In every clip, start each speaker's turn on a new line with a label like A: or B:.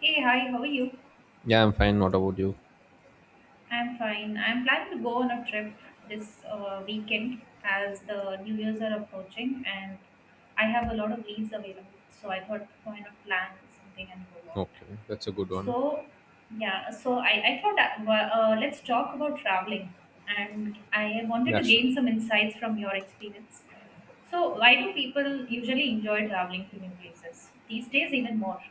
A: Hey, hi, how are you?
B: Yeah, I'm fine. What about you?
A: I'm fine. I'm planning to go on a trip this weekend, as the New Year's are approaching and I have a lot of leaves available. So I thought, why not plan something and go out?
B: Okay, that's a good one.
A: So, so I thought, let's talk about traveling. And I wanted
B: Yeah,
A: to
B: sure.
A: gain some insights from your experience. So, why do people usually enjoy traveling to new places? These days, even more.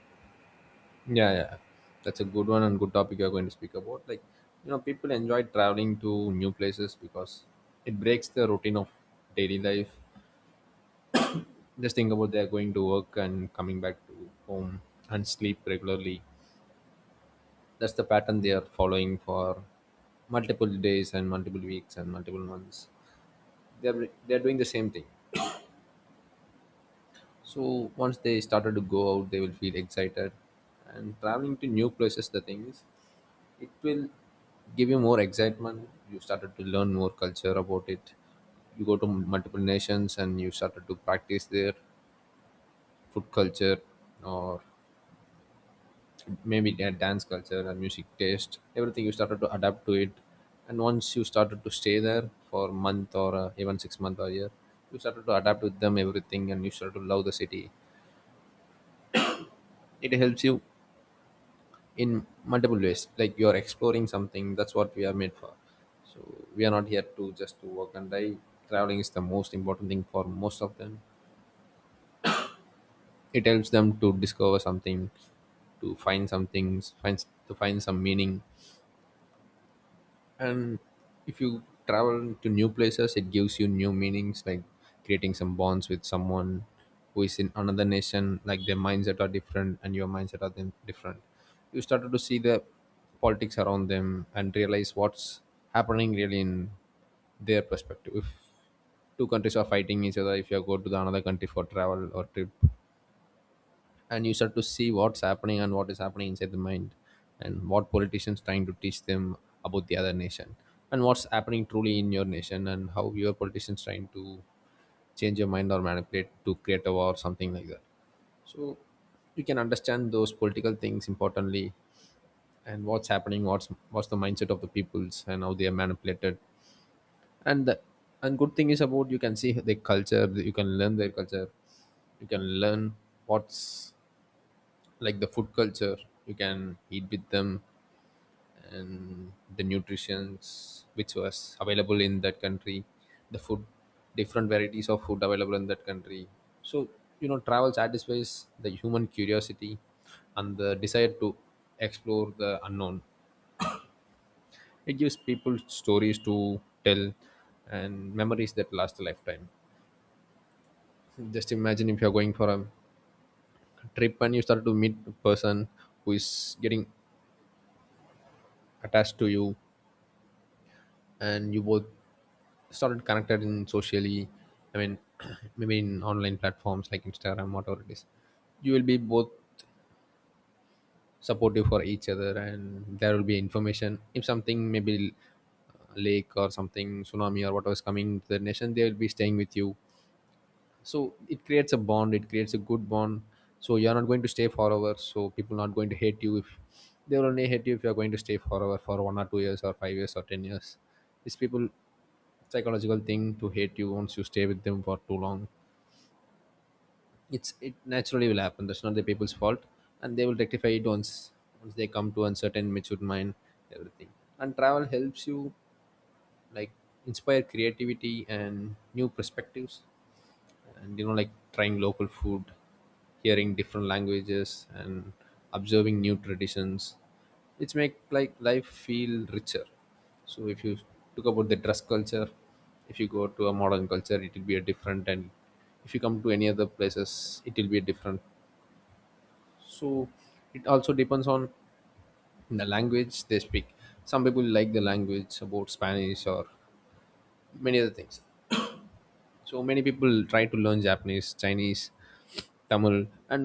B: Yeah, yeah. That's a good one and good topic you're going to speak about. People enjoy traveling to new places because it breaks the routine of daily life. Just think about they're going to work and coming back to home and sleep regularly. That's the pattern they are following for multiple days and multiple weeks and multiple months. They're doing the same thing. So once they started to go out, they will feel excited. And traveling to new places, the thing is, it will give you more excitement. You started to learn more culture about it. You go to multiple nations and you started to practice their food culture or maybe their dance culture and music taste. Everything you started to adapt to it. And once you started to stay there for a month or even 6 months or a year, you started to adapt with them everything and you started to love the city. It helps you in multiple ways, like you are exploring something. That's what we are made for, so we are not here to just to work and die. Traveling is the most important thing for most of them. It helps them to discover something, to find some things, find some meaning. And if you travel to new places, it gives you new meanings, like creating some bonds with someone who is in another nation. Like their mindset are different and your mindset are then different. You started to see the politics around them and realize what's happening really in their perspective. If two countries are fighting each other, if you go to the another country for travel or trip and you start to see what's happening, and what is happening inside the mind, and what politicians trying to teach them about the other nation, and what's happening truly in your nation, and how your politicians trying to change your mind or manipulate to create a war or something like that. So you can understand those political things importantly, and what's happening, what's the mindset of the peoples and how they are manipulated. And the, and good thing is about you can see their culture, you can learn their culture, you can learn what's like the food culture, you can eat with them, and the nutritions which was available in that country, the food, different varieties of food available in that country. So you know, travel satisfies the human curiosity and the desire to explore the unknown. It gives people stories to tell and memories that last a lifetime. Just imagine if you're going for a trip and you start to meet a person who is getting attached to you, and you both started connected in socially. I mean, maybe in online platforms like Instagram, whatever it is, you will be both supportive for each other, and there will be information if something, maybe lake or something, tsunami or whatever is coming to the nation, they will be staying with you. So it creates a bond, it creates a good bond. So you're not going to stay forever, so people not going to hate you. If they will only hate you if you're going to stay forever for 1 or 2 years or 5 years or 10 years. These people psychological thing to hate you once you stay with them for too long. It naturally will happen. That's not the people's fault, and they will rectify it once they come to uncertain matured mind, everything. And travel helps you, like, inspire creativity and new perspectives. And you know, like, trying local food, hearing different languages, and observing new traditions, which make like life feel richer. So if you talk about the dress culture, if you go to a modern culture, it will be a different, and if you come to any other places, it will be different. So it also depends on the language they speak. Some people like the language about Spanish or many other things. So many people try to learn Japanese, Chinese, Tamil, and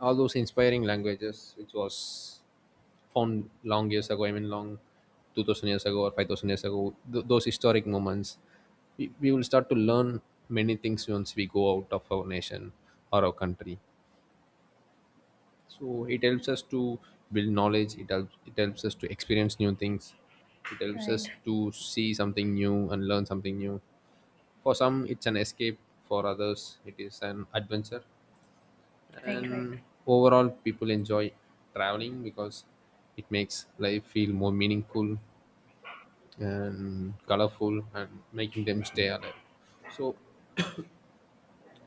B: all those inspiring languages which was found long years ago. I mean long 2000 years ago or 5000 years ago, those historic moments. We will start to learn many things once we go out of our nation or our country. So it helps us to build knowledge, it helps, it helps us to experience new things, it helps
A: Right,
B: us to see something new and learn something new. For some, it's an escape, for others, it is an adventure.
A: right, right,
B: And overall, people enjoy traveling because it makes life feel more meaningful and colorful and making them stay alive. So,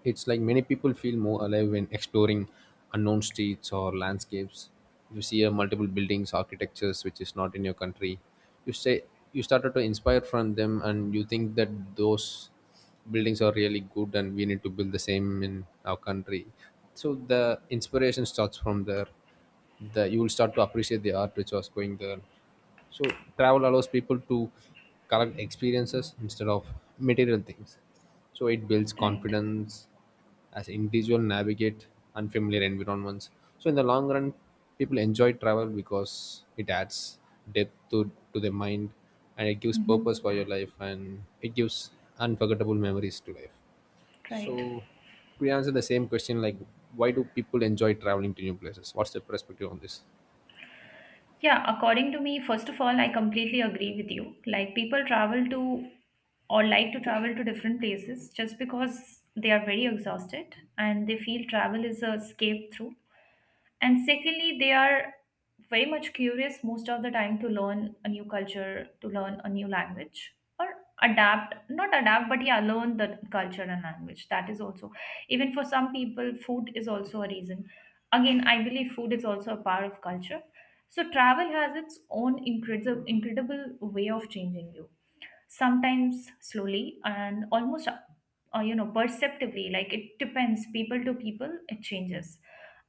B: it's like many people feel more alive when exploring unknown streets or landscapes. You see multiple buildings, architectures which is not in your country. You say you started to inspire from them, and you think that those buildings are really good, and we need to build the same in our country. So the inspiration starts from there. The you will start to appreciate the art which was going there. So travel allows people to collect experiences instead of material things. So it builds
A: right.
B: confidence as individual navigate unfamiliar environments. So in the long run, people enjoy travel because it adds depth to their mind, and it gives purpose for
A: Hmm.
B: your life, and it gives unforgettable memories to life.
A: Right.
B: So we answer the same question, like, why do people enjoy traveling to new places? What's the perspective on this?
A: Yeah, according to me, first of all, I completely agree with you. Like, people travel to or like to travel to different places just because they are very exhausted and they feel travel is a escape through, and secondly they are very much curious most of the time to learn a new culture, to learn a new language, or adapt, not adapt, but yeah, learn the culture and language. That is also, even for some people, food is also a reason. Again, I believe food is also a part of culture. So travel has its own incredible incredible way of changing you, sometimes slowly and almost you know, perceptively. Like, it depends people to people, it changes,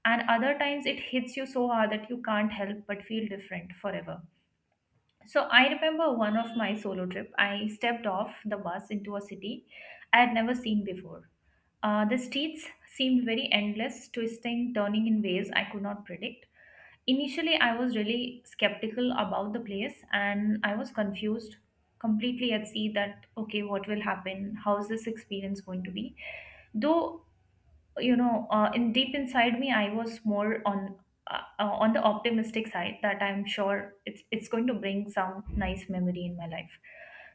A: and other times it hits you so hard that you can't help but feel different forever. So I remember one of my solo trip, I stepped off the bus into a city I had never seen before. The streets seemed very endless, twisting, turning in ways I could not predict. Initially, I was really skeptical about the place and I was confused, completely at sea that, okay, what will happen? How is this experience going to be? Though, you know, in deep inside me, I was more on. On the optimistic side that I'm sure it's going to bring some nice memory in my life.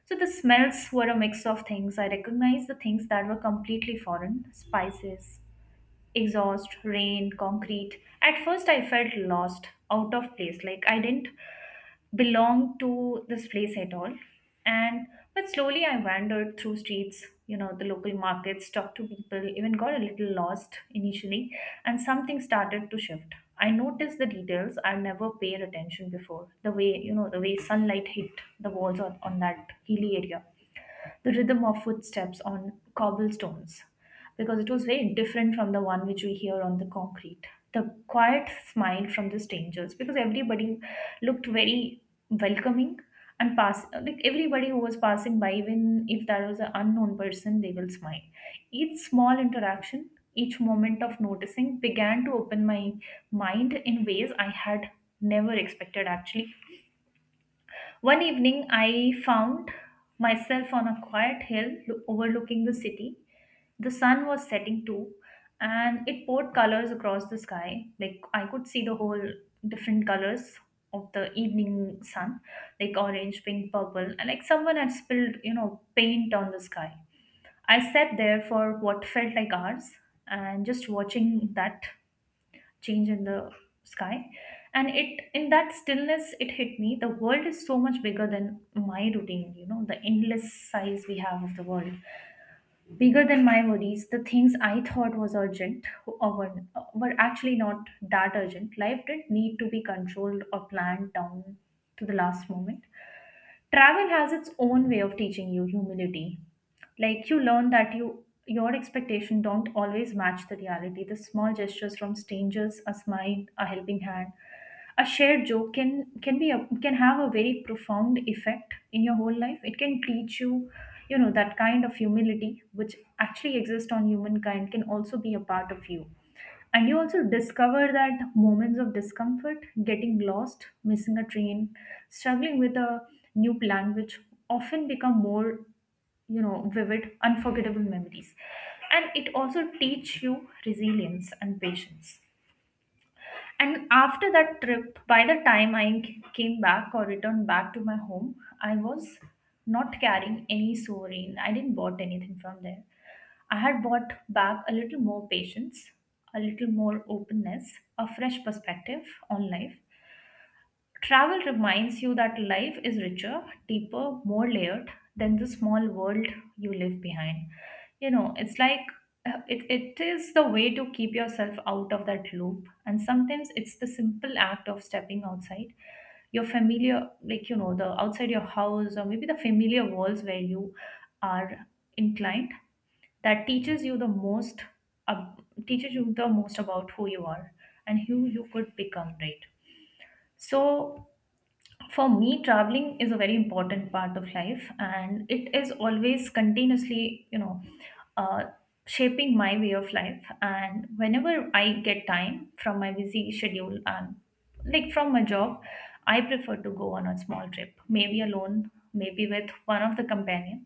A: So the smells were a mix of things I recognized, the things that were completely foreign: spices, exhaust, rain, concrete. At first, I felt lost, out of place, like I didn't belong to this place at all. And but slowly, I wandered through streets, you know, the local markets, talked to people, even got a little lost initially, and something started to shift. I noticed the details I never paid attention before. The way, you know, the way sunlight hit the walls on that hilly area, the rhythm of footsteps on cobblestones, because it was very different from the one which we hear on the concrete. The quiet smile from the strangers, because everybody looked very welcoming, and pass, like everybody who was passing by, even if that was an unknown person, they will smile. Each small interaction, each moment of noticing began to open my mind in ways I had never expected actually. One evening, I found myself on a quiet hill overlooking the city. The sun was setting too, and it poured colors across the sky. Like, I could see the whole different colors of the evening sun, like orange, pink, purple, and like someone had spilled, you know, paint on the sky. I sat there for what felt like hours and just watching that change in the sky. And it, in that stillness, it hit me: the world is so much bigger than my routine, you know, the endless size we have of the world, bigger than my worries. The things I thought was urgent or were actually not that urgent. Life didn't need to be controlled or planned down to the last moment. Travel has its own way of teaching you humility. Like, you learn that you, your expectation don't always match the reality. The small gestures from strangers, a smile, a helping hand, a shared joke can be a, can have a very profound effect in your whole life. It can teach you, you know, that kind of humility which actually exists on humankind can also be a part of you, and you also discover that moments of discomfort, getting lost, missing a train, struggling with a new language often become more, you know, vivid, unforgettable memories. And it also teach you resilience and patience. And after that trip, by the time I came back or returned back to my home, I was not carrying any souvenir. I didn't bought anything from there. I had brought back a little more patience, a little more openness, a fresh perspective on life. Travel reminds you that life is richer, deeper, more layered than the small world you live behind. You know, it's like it is the way to keep yourself out of that loop. And sometimes it's the simple act of stepping outside your familiar, like, you know, the outside your house, or maybe the familiar walls where you are inclined, that teaches you the most, uh, teaches you the most about who you are and who you could become, right? So for me, traveling is a very important part of life, and it is always continuously, you know, uh, shaping my way of life. And whenever I get time from my busy schedule and like from my job, I prefer to go on a small trip, maybe alone, maybe with one of the companion.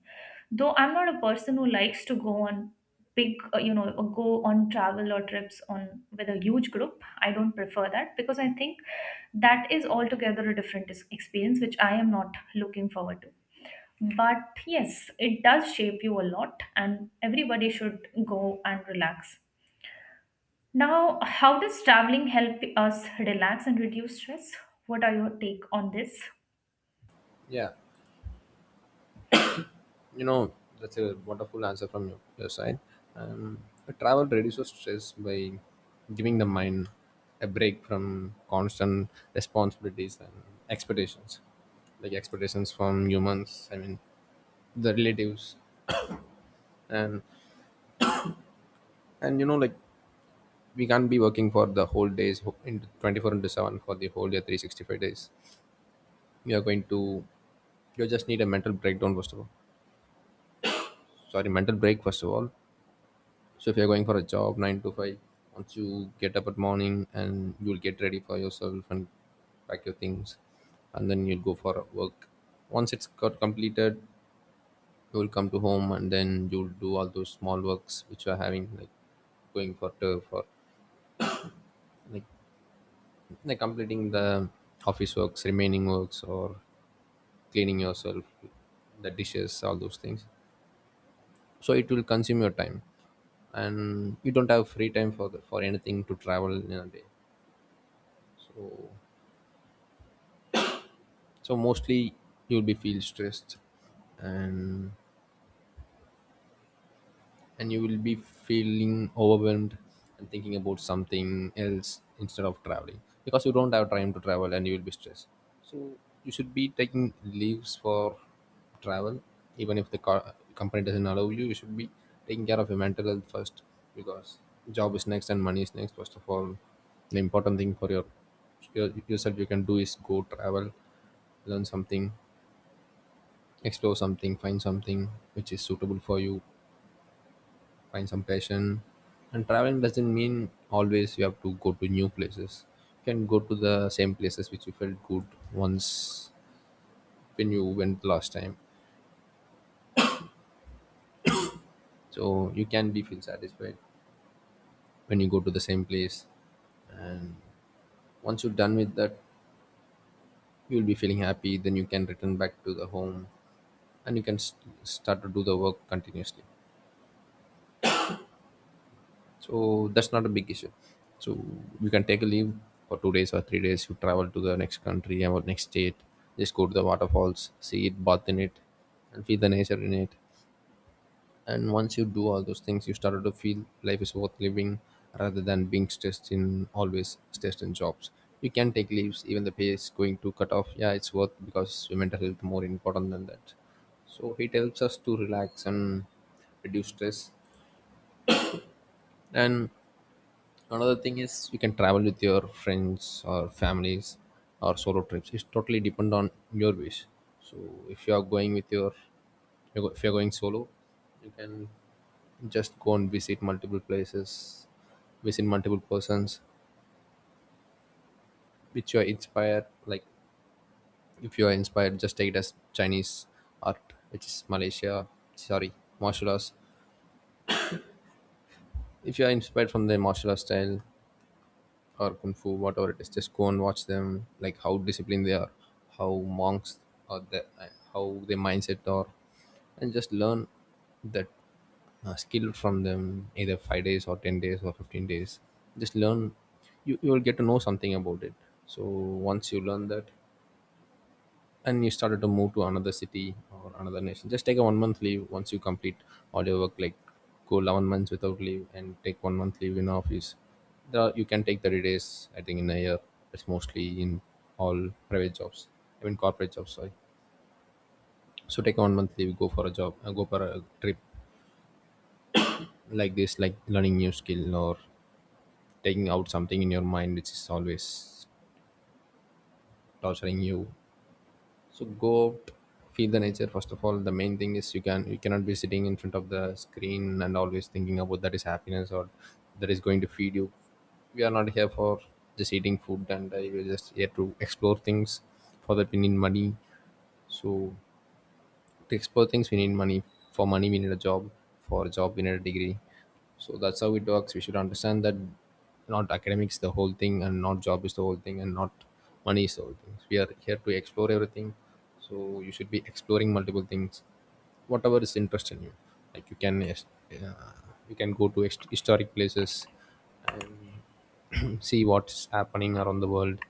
A: Though I'm not a person who likes to go on big, you know, or go on travel or trips on with a huge group. I don't prefer that, because I think that is altogether a different experience, which I am not looking forward to. But yes, it does shape you a lot, and everybody should go and relax. Now, how does traveling help us relax and reduce stress? What are your take on this?
B: Yeah. You know, that's a wonderful answer from your side. Um, Travel reduces stress by giving the mind a break from constant responsibilities and expectations, like expectations from humans. I mean, the relatives, and and you know, like, we can't be working for the whole days in 24 into 7 for the whole year 365 days. You are going to You just need a mental breakdown first of all. Sorry, mental break first of all. So if you're going for a job nine to five, once you get up at morning and you'll get ready for yourself and pack your things, and then you'll go for work. Once it's got completed, you will come to home and then you'll do all those small works which you are having, like going for turf like, like completing the office works, remaining works, or cleaning yourself, the dishes, all those things. So it will consume your time and you don't have free time for for anything to travel in a day. So so mostly you'll be feel stressed, and and you will be feeling overwhelmed and thinking about something else instead of traveling because you don't have time to travel and you will be stressed. So you should be taking leaves for travel. Even if the company doesn't allow you, you should be taking care of your mental health first, because job is next and money is next. First of all, the important thing for your yourself you can do is go travel, learn something, explore something, find something which is suitable for you, find some passion. And traveling doesn't mean always you have to go to new places. You can go to the same places which you felt good once when you went last time. So you can be feel satisfied when you go to the same place. And once you're done with that, you'll be feeling happy, then you can return back to the home and you can start to do the work continuously. So that's not a big issue. So you can take a leave for 2 days or 3 days. You travel to the next country or next state, just go to the waterfalls, see it, bath in it, and feel the nature in it. And once you do all those things, you started to feel life is worth living, rather than being stressed in, always stressed in jobs. You can take leaves even the pay is going to cut off. Yeah, it's worth because your mental health more important than that. So it helps us to relax and reduce stress. And another thing is you can travel with your friends or families or solo trips. It's totally depend on your wish. So if you are going with your you if you're going solo, you can just go and visit multiple places, visit multiple persons, which you are inspired. Like if you are inspired, just take it as Chinese art, which is Malaysia. Sorry, martial arts. If you are inspired from the martial arts style, or kung fu whatever it is, just go and watch them, like how disciplined they are, how monks are the, how their mindset are, and just learn that skill from them either 5 days or 10 days or 15 days. Just learn, you will get to know something about it. So once you learn that and you started to move to another city or another nation, just take a 1 month leave once you complete all your work. Like go 11 months without leave and take 1 month leave in office. The you can take 30 days I think in a year. It's mostly in all private jobs, I mean corporate jobs, sorry. So take a 1 month leave, go for a job, go for a trip like this, like learning new skill or taking out something in your mind which is always torturing you. So go out, feel the nature. First of all, the main thing is you cannot be sitting in front of the screen and always thinking about that is happiness or that is going to feed you. We are not here for just eating food, and you're just here to explore things for the opinion money. So to explore things we need money, for money we need a job, for a job we need a degree. So that's how it works. We should understand that not academics the whole thing, and not job is the whole thing, and not money is the whole thing. We are here to explore everything. So you should be exploring multiple things whatever is interest in you. Like you can, yes, uh, you can go to historic places and see what's happening around the world.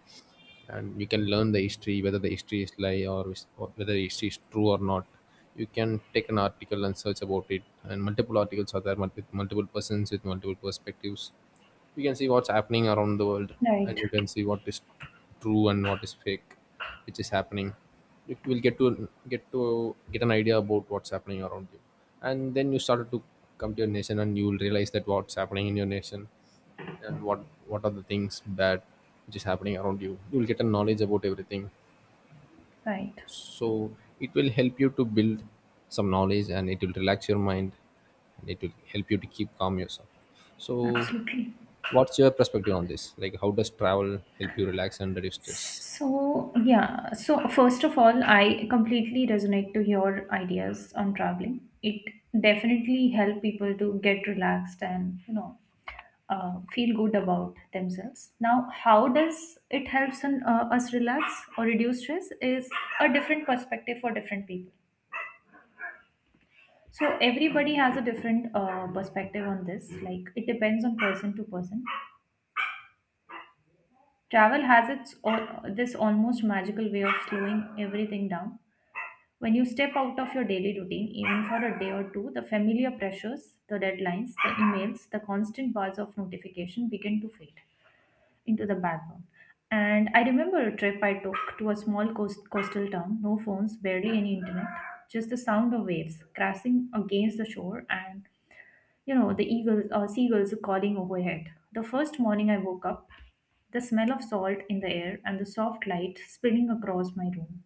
B: And you can learn the history, whether the history is lie, or whether the history is true or not. You can take an article and search about it, and multiple articles are there, with multiple persons with multiple perspectives. You can see what's happening around the world. And
A: Right,
B: you can see what is true and what is fake which is happening. You will get an idea about what's happening around you. And then you started to come to your nation and you will realize that what's happening in your nation, and what are the things that which is happening around you. You'll get a knowledge about everything.
A: right,
B: So it will help you to build some knowledge, and it will relax your mind, and it will help you to keep calm yourself. So
A: absolutely.
B: what's your perspective on this, like, how does travel help you relax and reduce stress?
A: So, yeah. So, first of all, I completely resonate to your ideas on traveling. It definitely help people to get relaxed and, you know, feel good about themselves. Now, how does it helps in, us relax or reduce stress is a different perspective for different people. So, everybody has a different perspective on this. Like, it depends on person to person. Travel has its this almost magical way of slowing everything down. When you step out of your daily routine, even for a day or two, the familiar pressures, the deadlines, the emails, the constant buzz of notification begin to fade into the background. And I remember a trip I took to a small coastal town, no phones, barely any internet, just the sound of waves crashing against the shore and, you know, the eagles or seagulls calling overhead. The first morning I woke up, the smell of salt in the air and the soft light spilling across my room,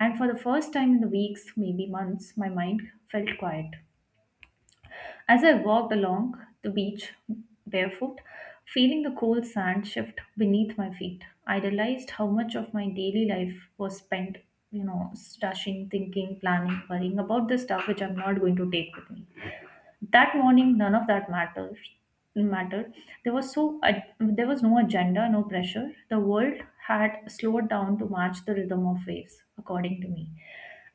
A: and for the first time in the weeks, maybe months, my mind felt quiet. As I walked along the beach barefoot, feeling the cold sand shift beneath my feet, I realized how much of my daily life was spent, you know, stashing, thinking, planning, worrying about the stuff which I'm not going to take with me. That morning, none of that matters mattered there was so there was no agenda, no pressure. The world had slowed down to match the rhythm of waves, according to me.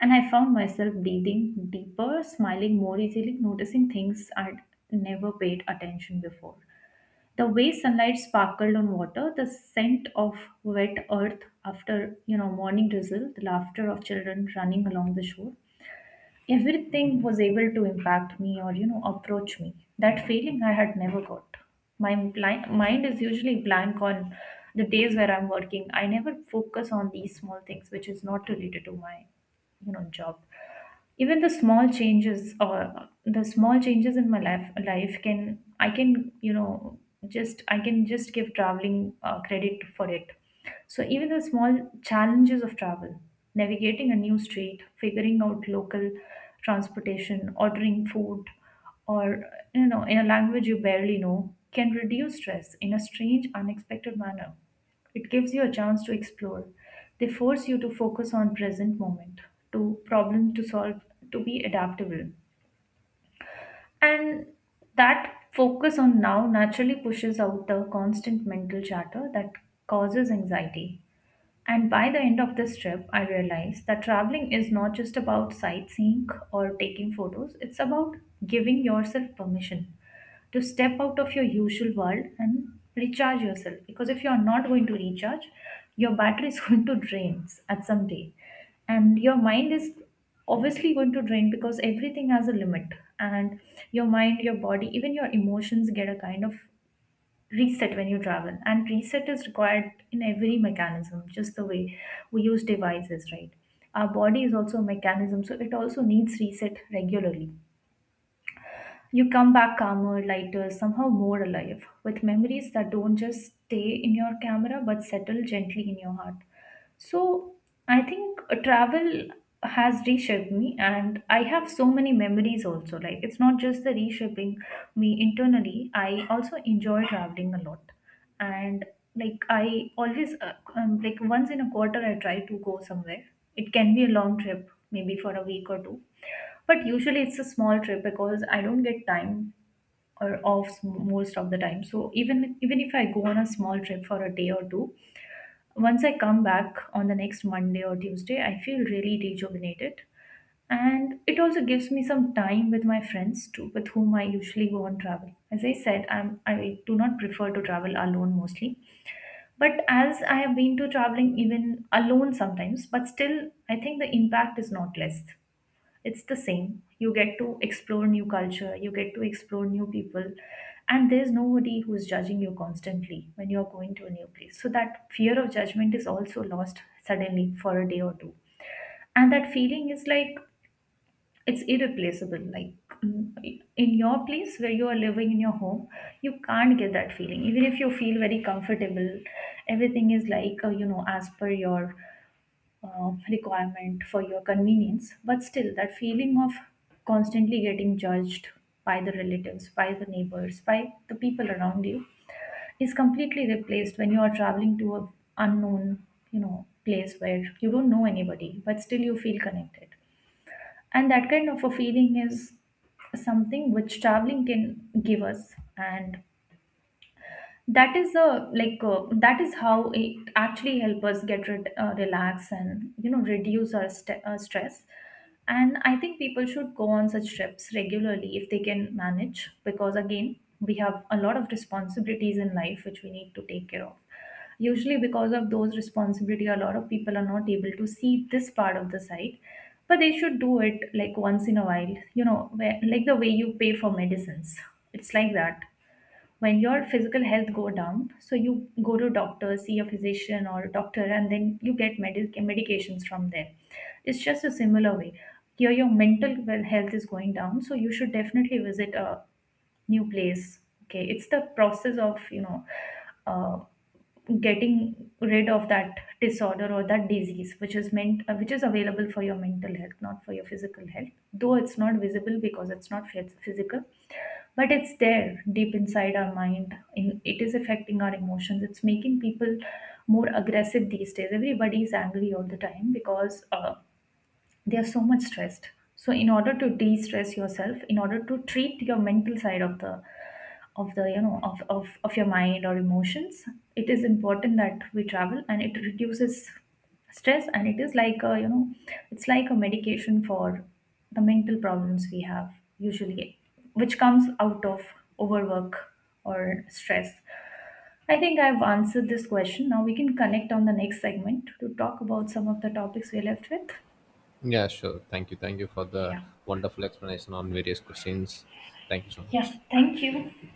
A: And I found myself breathing deeper, smiling more easily, noticing things I'd never paid attention before: the way sunlight sparkled on water, the scent of wet earth after, you know, morning drizzle, the laughter of children running along the shore. Everything was able to impact me, or you know, approach me. That feeling I had never got. My mind is usually blank on the days where I'm working. I never focus on these small things which is not related to my, you know, job. Even the small changes, or the small changes in my life, life can I can, you know, just I can just give traveling credit for it. So even the small challenges of travel, navigating a new street, figuring out local transportation, ordering food, or you know, in a language you barely know, can reduce stress in a strange, unexpected manner. It gives you a chance to explore. They force you to focus on present moment, to problem to solve, to be adaptable. And that focus on now naturally pushes out the constant mental chatter that causes anxiety. And by the end of this trip, I realized that traveling is not just about sightseeing or taking photos, it's about giving yourself permission to step out of your usual world and recharge yourself, because if you are not going to recharge, your battery is going to drain at some day, and your mind is obviously going to drain because everything has a limit. And your mind, your body, even your emotions get a kind of reset when you travel, and reset is required in every mechanism, just the way we use devices, right? Our body is also a mechanism, so it also needs reset regularly. You come back calmer, lighter, somehow more alive, with memories that don't just stay in your camera but settle gently in your heart. So, I think travel has reshaped me, and I have so many memories also. Like, it's not just the reshaping me internally, I also enjoy traveling a lot and like, I always like, once in a quarter I try to go somewhere. It can be a long trip, maybe for a week or two, but usually it's a small trip because I don't get time or off s- most of the time. So even if I go on a small trip for a day or two, once I come back on the next monday or tuesday, I feel really rejuvenated. And it also gives me some time with my friends too, with whom I usually go on travel, as I said, i do not prefer to travel alone mostly. But as I have been to traveling even alone sometimes, but still, I think the impact is not less. It's the same. You get to explore new culture, you get to explore new people, and there's nobody who's judging you constantly when you're going to a new place. So that fear of judgment is also lost suddenly for a day or two. And that feeling is like, it's irreplaceable, like in your place where you are living, in your home, you can't get that feeling even if you feel very comfortable. Everything is like, you know, as per your requirement, for your convenience, but still that feeling of constantly getting judged by the relatives, by the neighbors, by the people around you is completely replaced when you are traveling to a unknown, you know, place where you don't know anybody but still you feel connected. And that kind of a feeling is something which traveling can give us. And that is a like, that is how it actually help us get rid, relax and you know reduce our stress. And I think people should go on such trips regularly if they can manage, because again, we have a lot of responsibilities in life which we need to take care of. Usually, because of those responsibility, a lot of people are not able to see this part of the site, but they should do it like once in a while. You know, where, like the way you pay for medicines. It's like that. When your physical health go down, so you go to doctor, see a physician or a doctor, and then you get medications from there. It's just a similar way. Here, your mental health is going down, so you should definitely visit a new place. Okay, it's the process of, you know, uh, getting rid of that disorder or that disease which is meant, which is available for your mental health, not for your physical health, though it's not visible because it's not physical, but it's there deep inside our mind in, it is affecting our emotions. It's making people more aggressive these days. Everybody is angry all the time because they are so much stressed. So in order to de-stress yourself, in order to treat your mental side of the you know of your mind or emotions, it is important that we travel, and it reduces stress. And it is like, a you know, it's like a medication for the mental problems we have usually, which comes out of overwork or stress. I think I've answered this question. Now we can connect on the next segment to talk about some of the topics we're left with.
B: Yeah, sure, thank you for the
A: Yeah.
B: wonderful explanation on various questions. Thank you so
A: Yeah,
B: much.
A: thank you.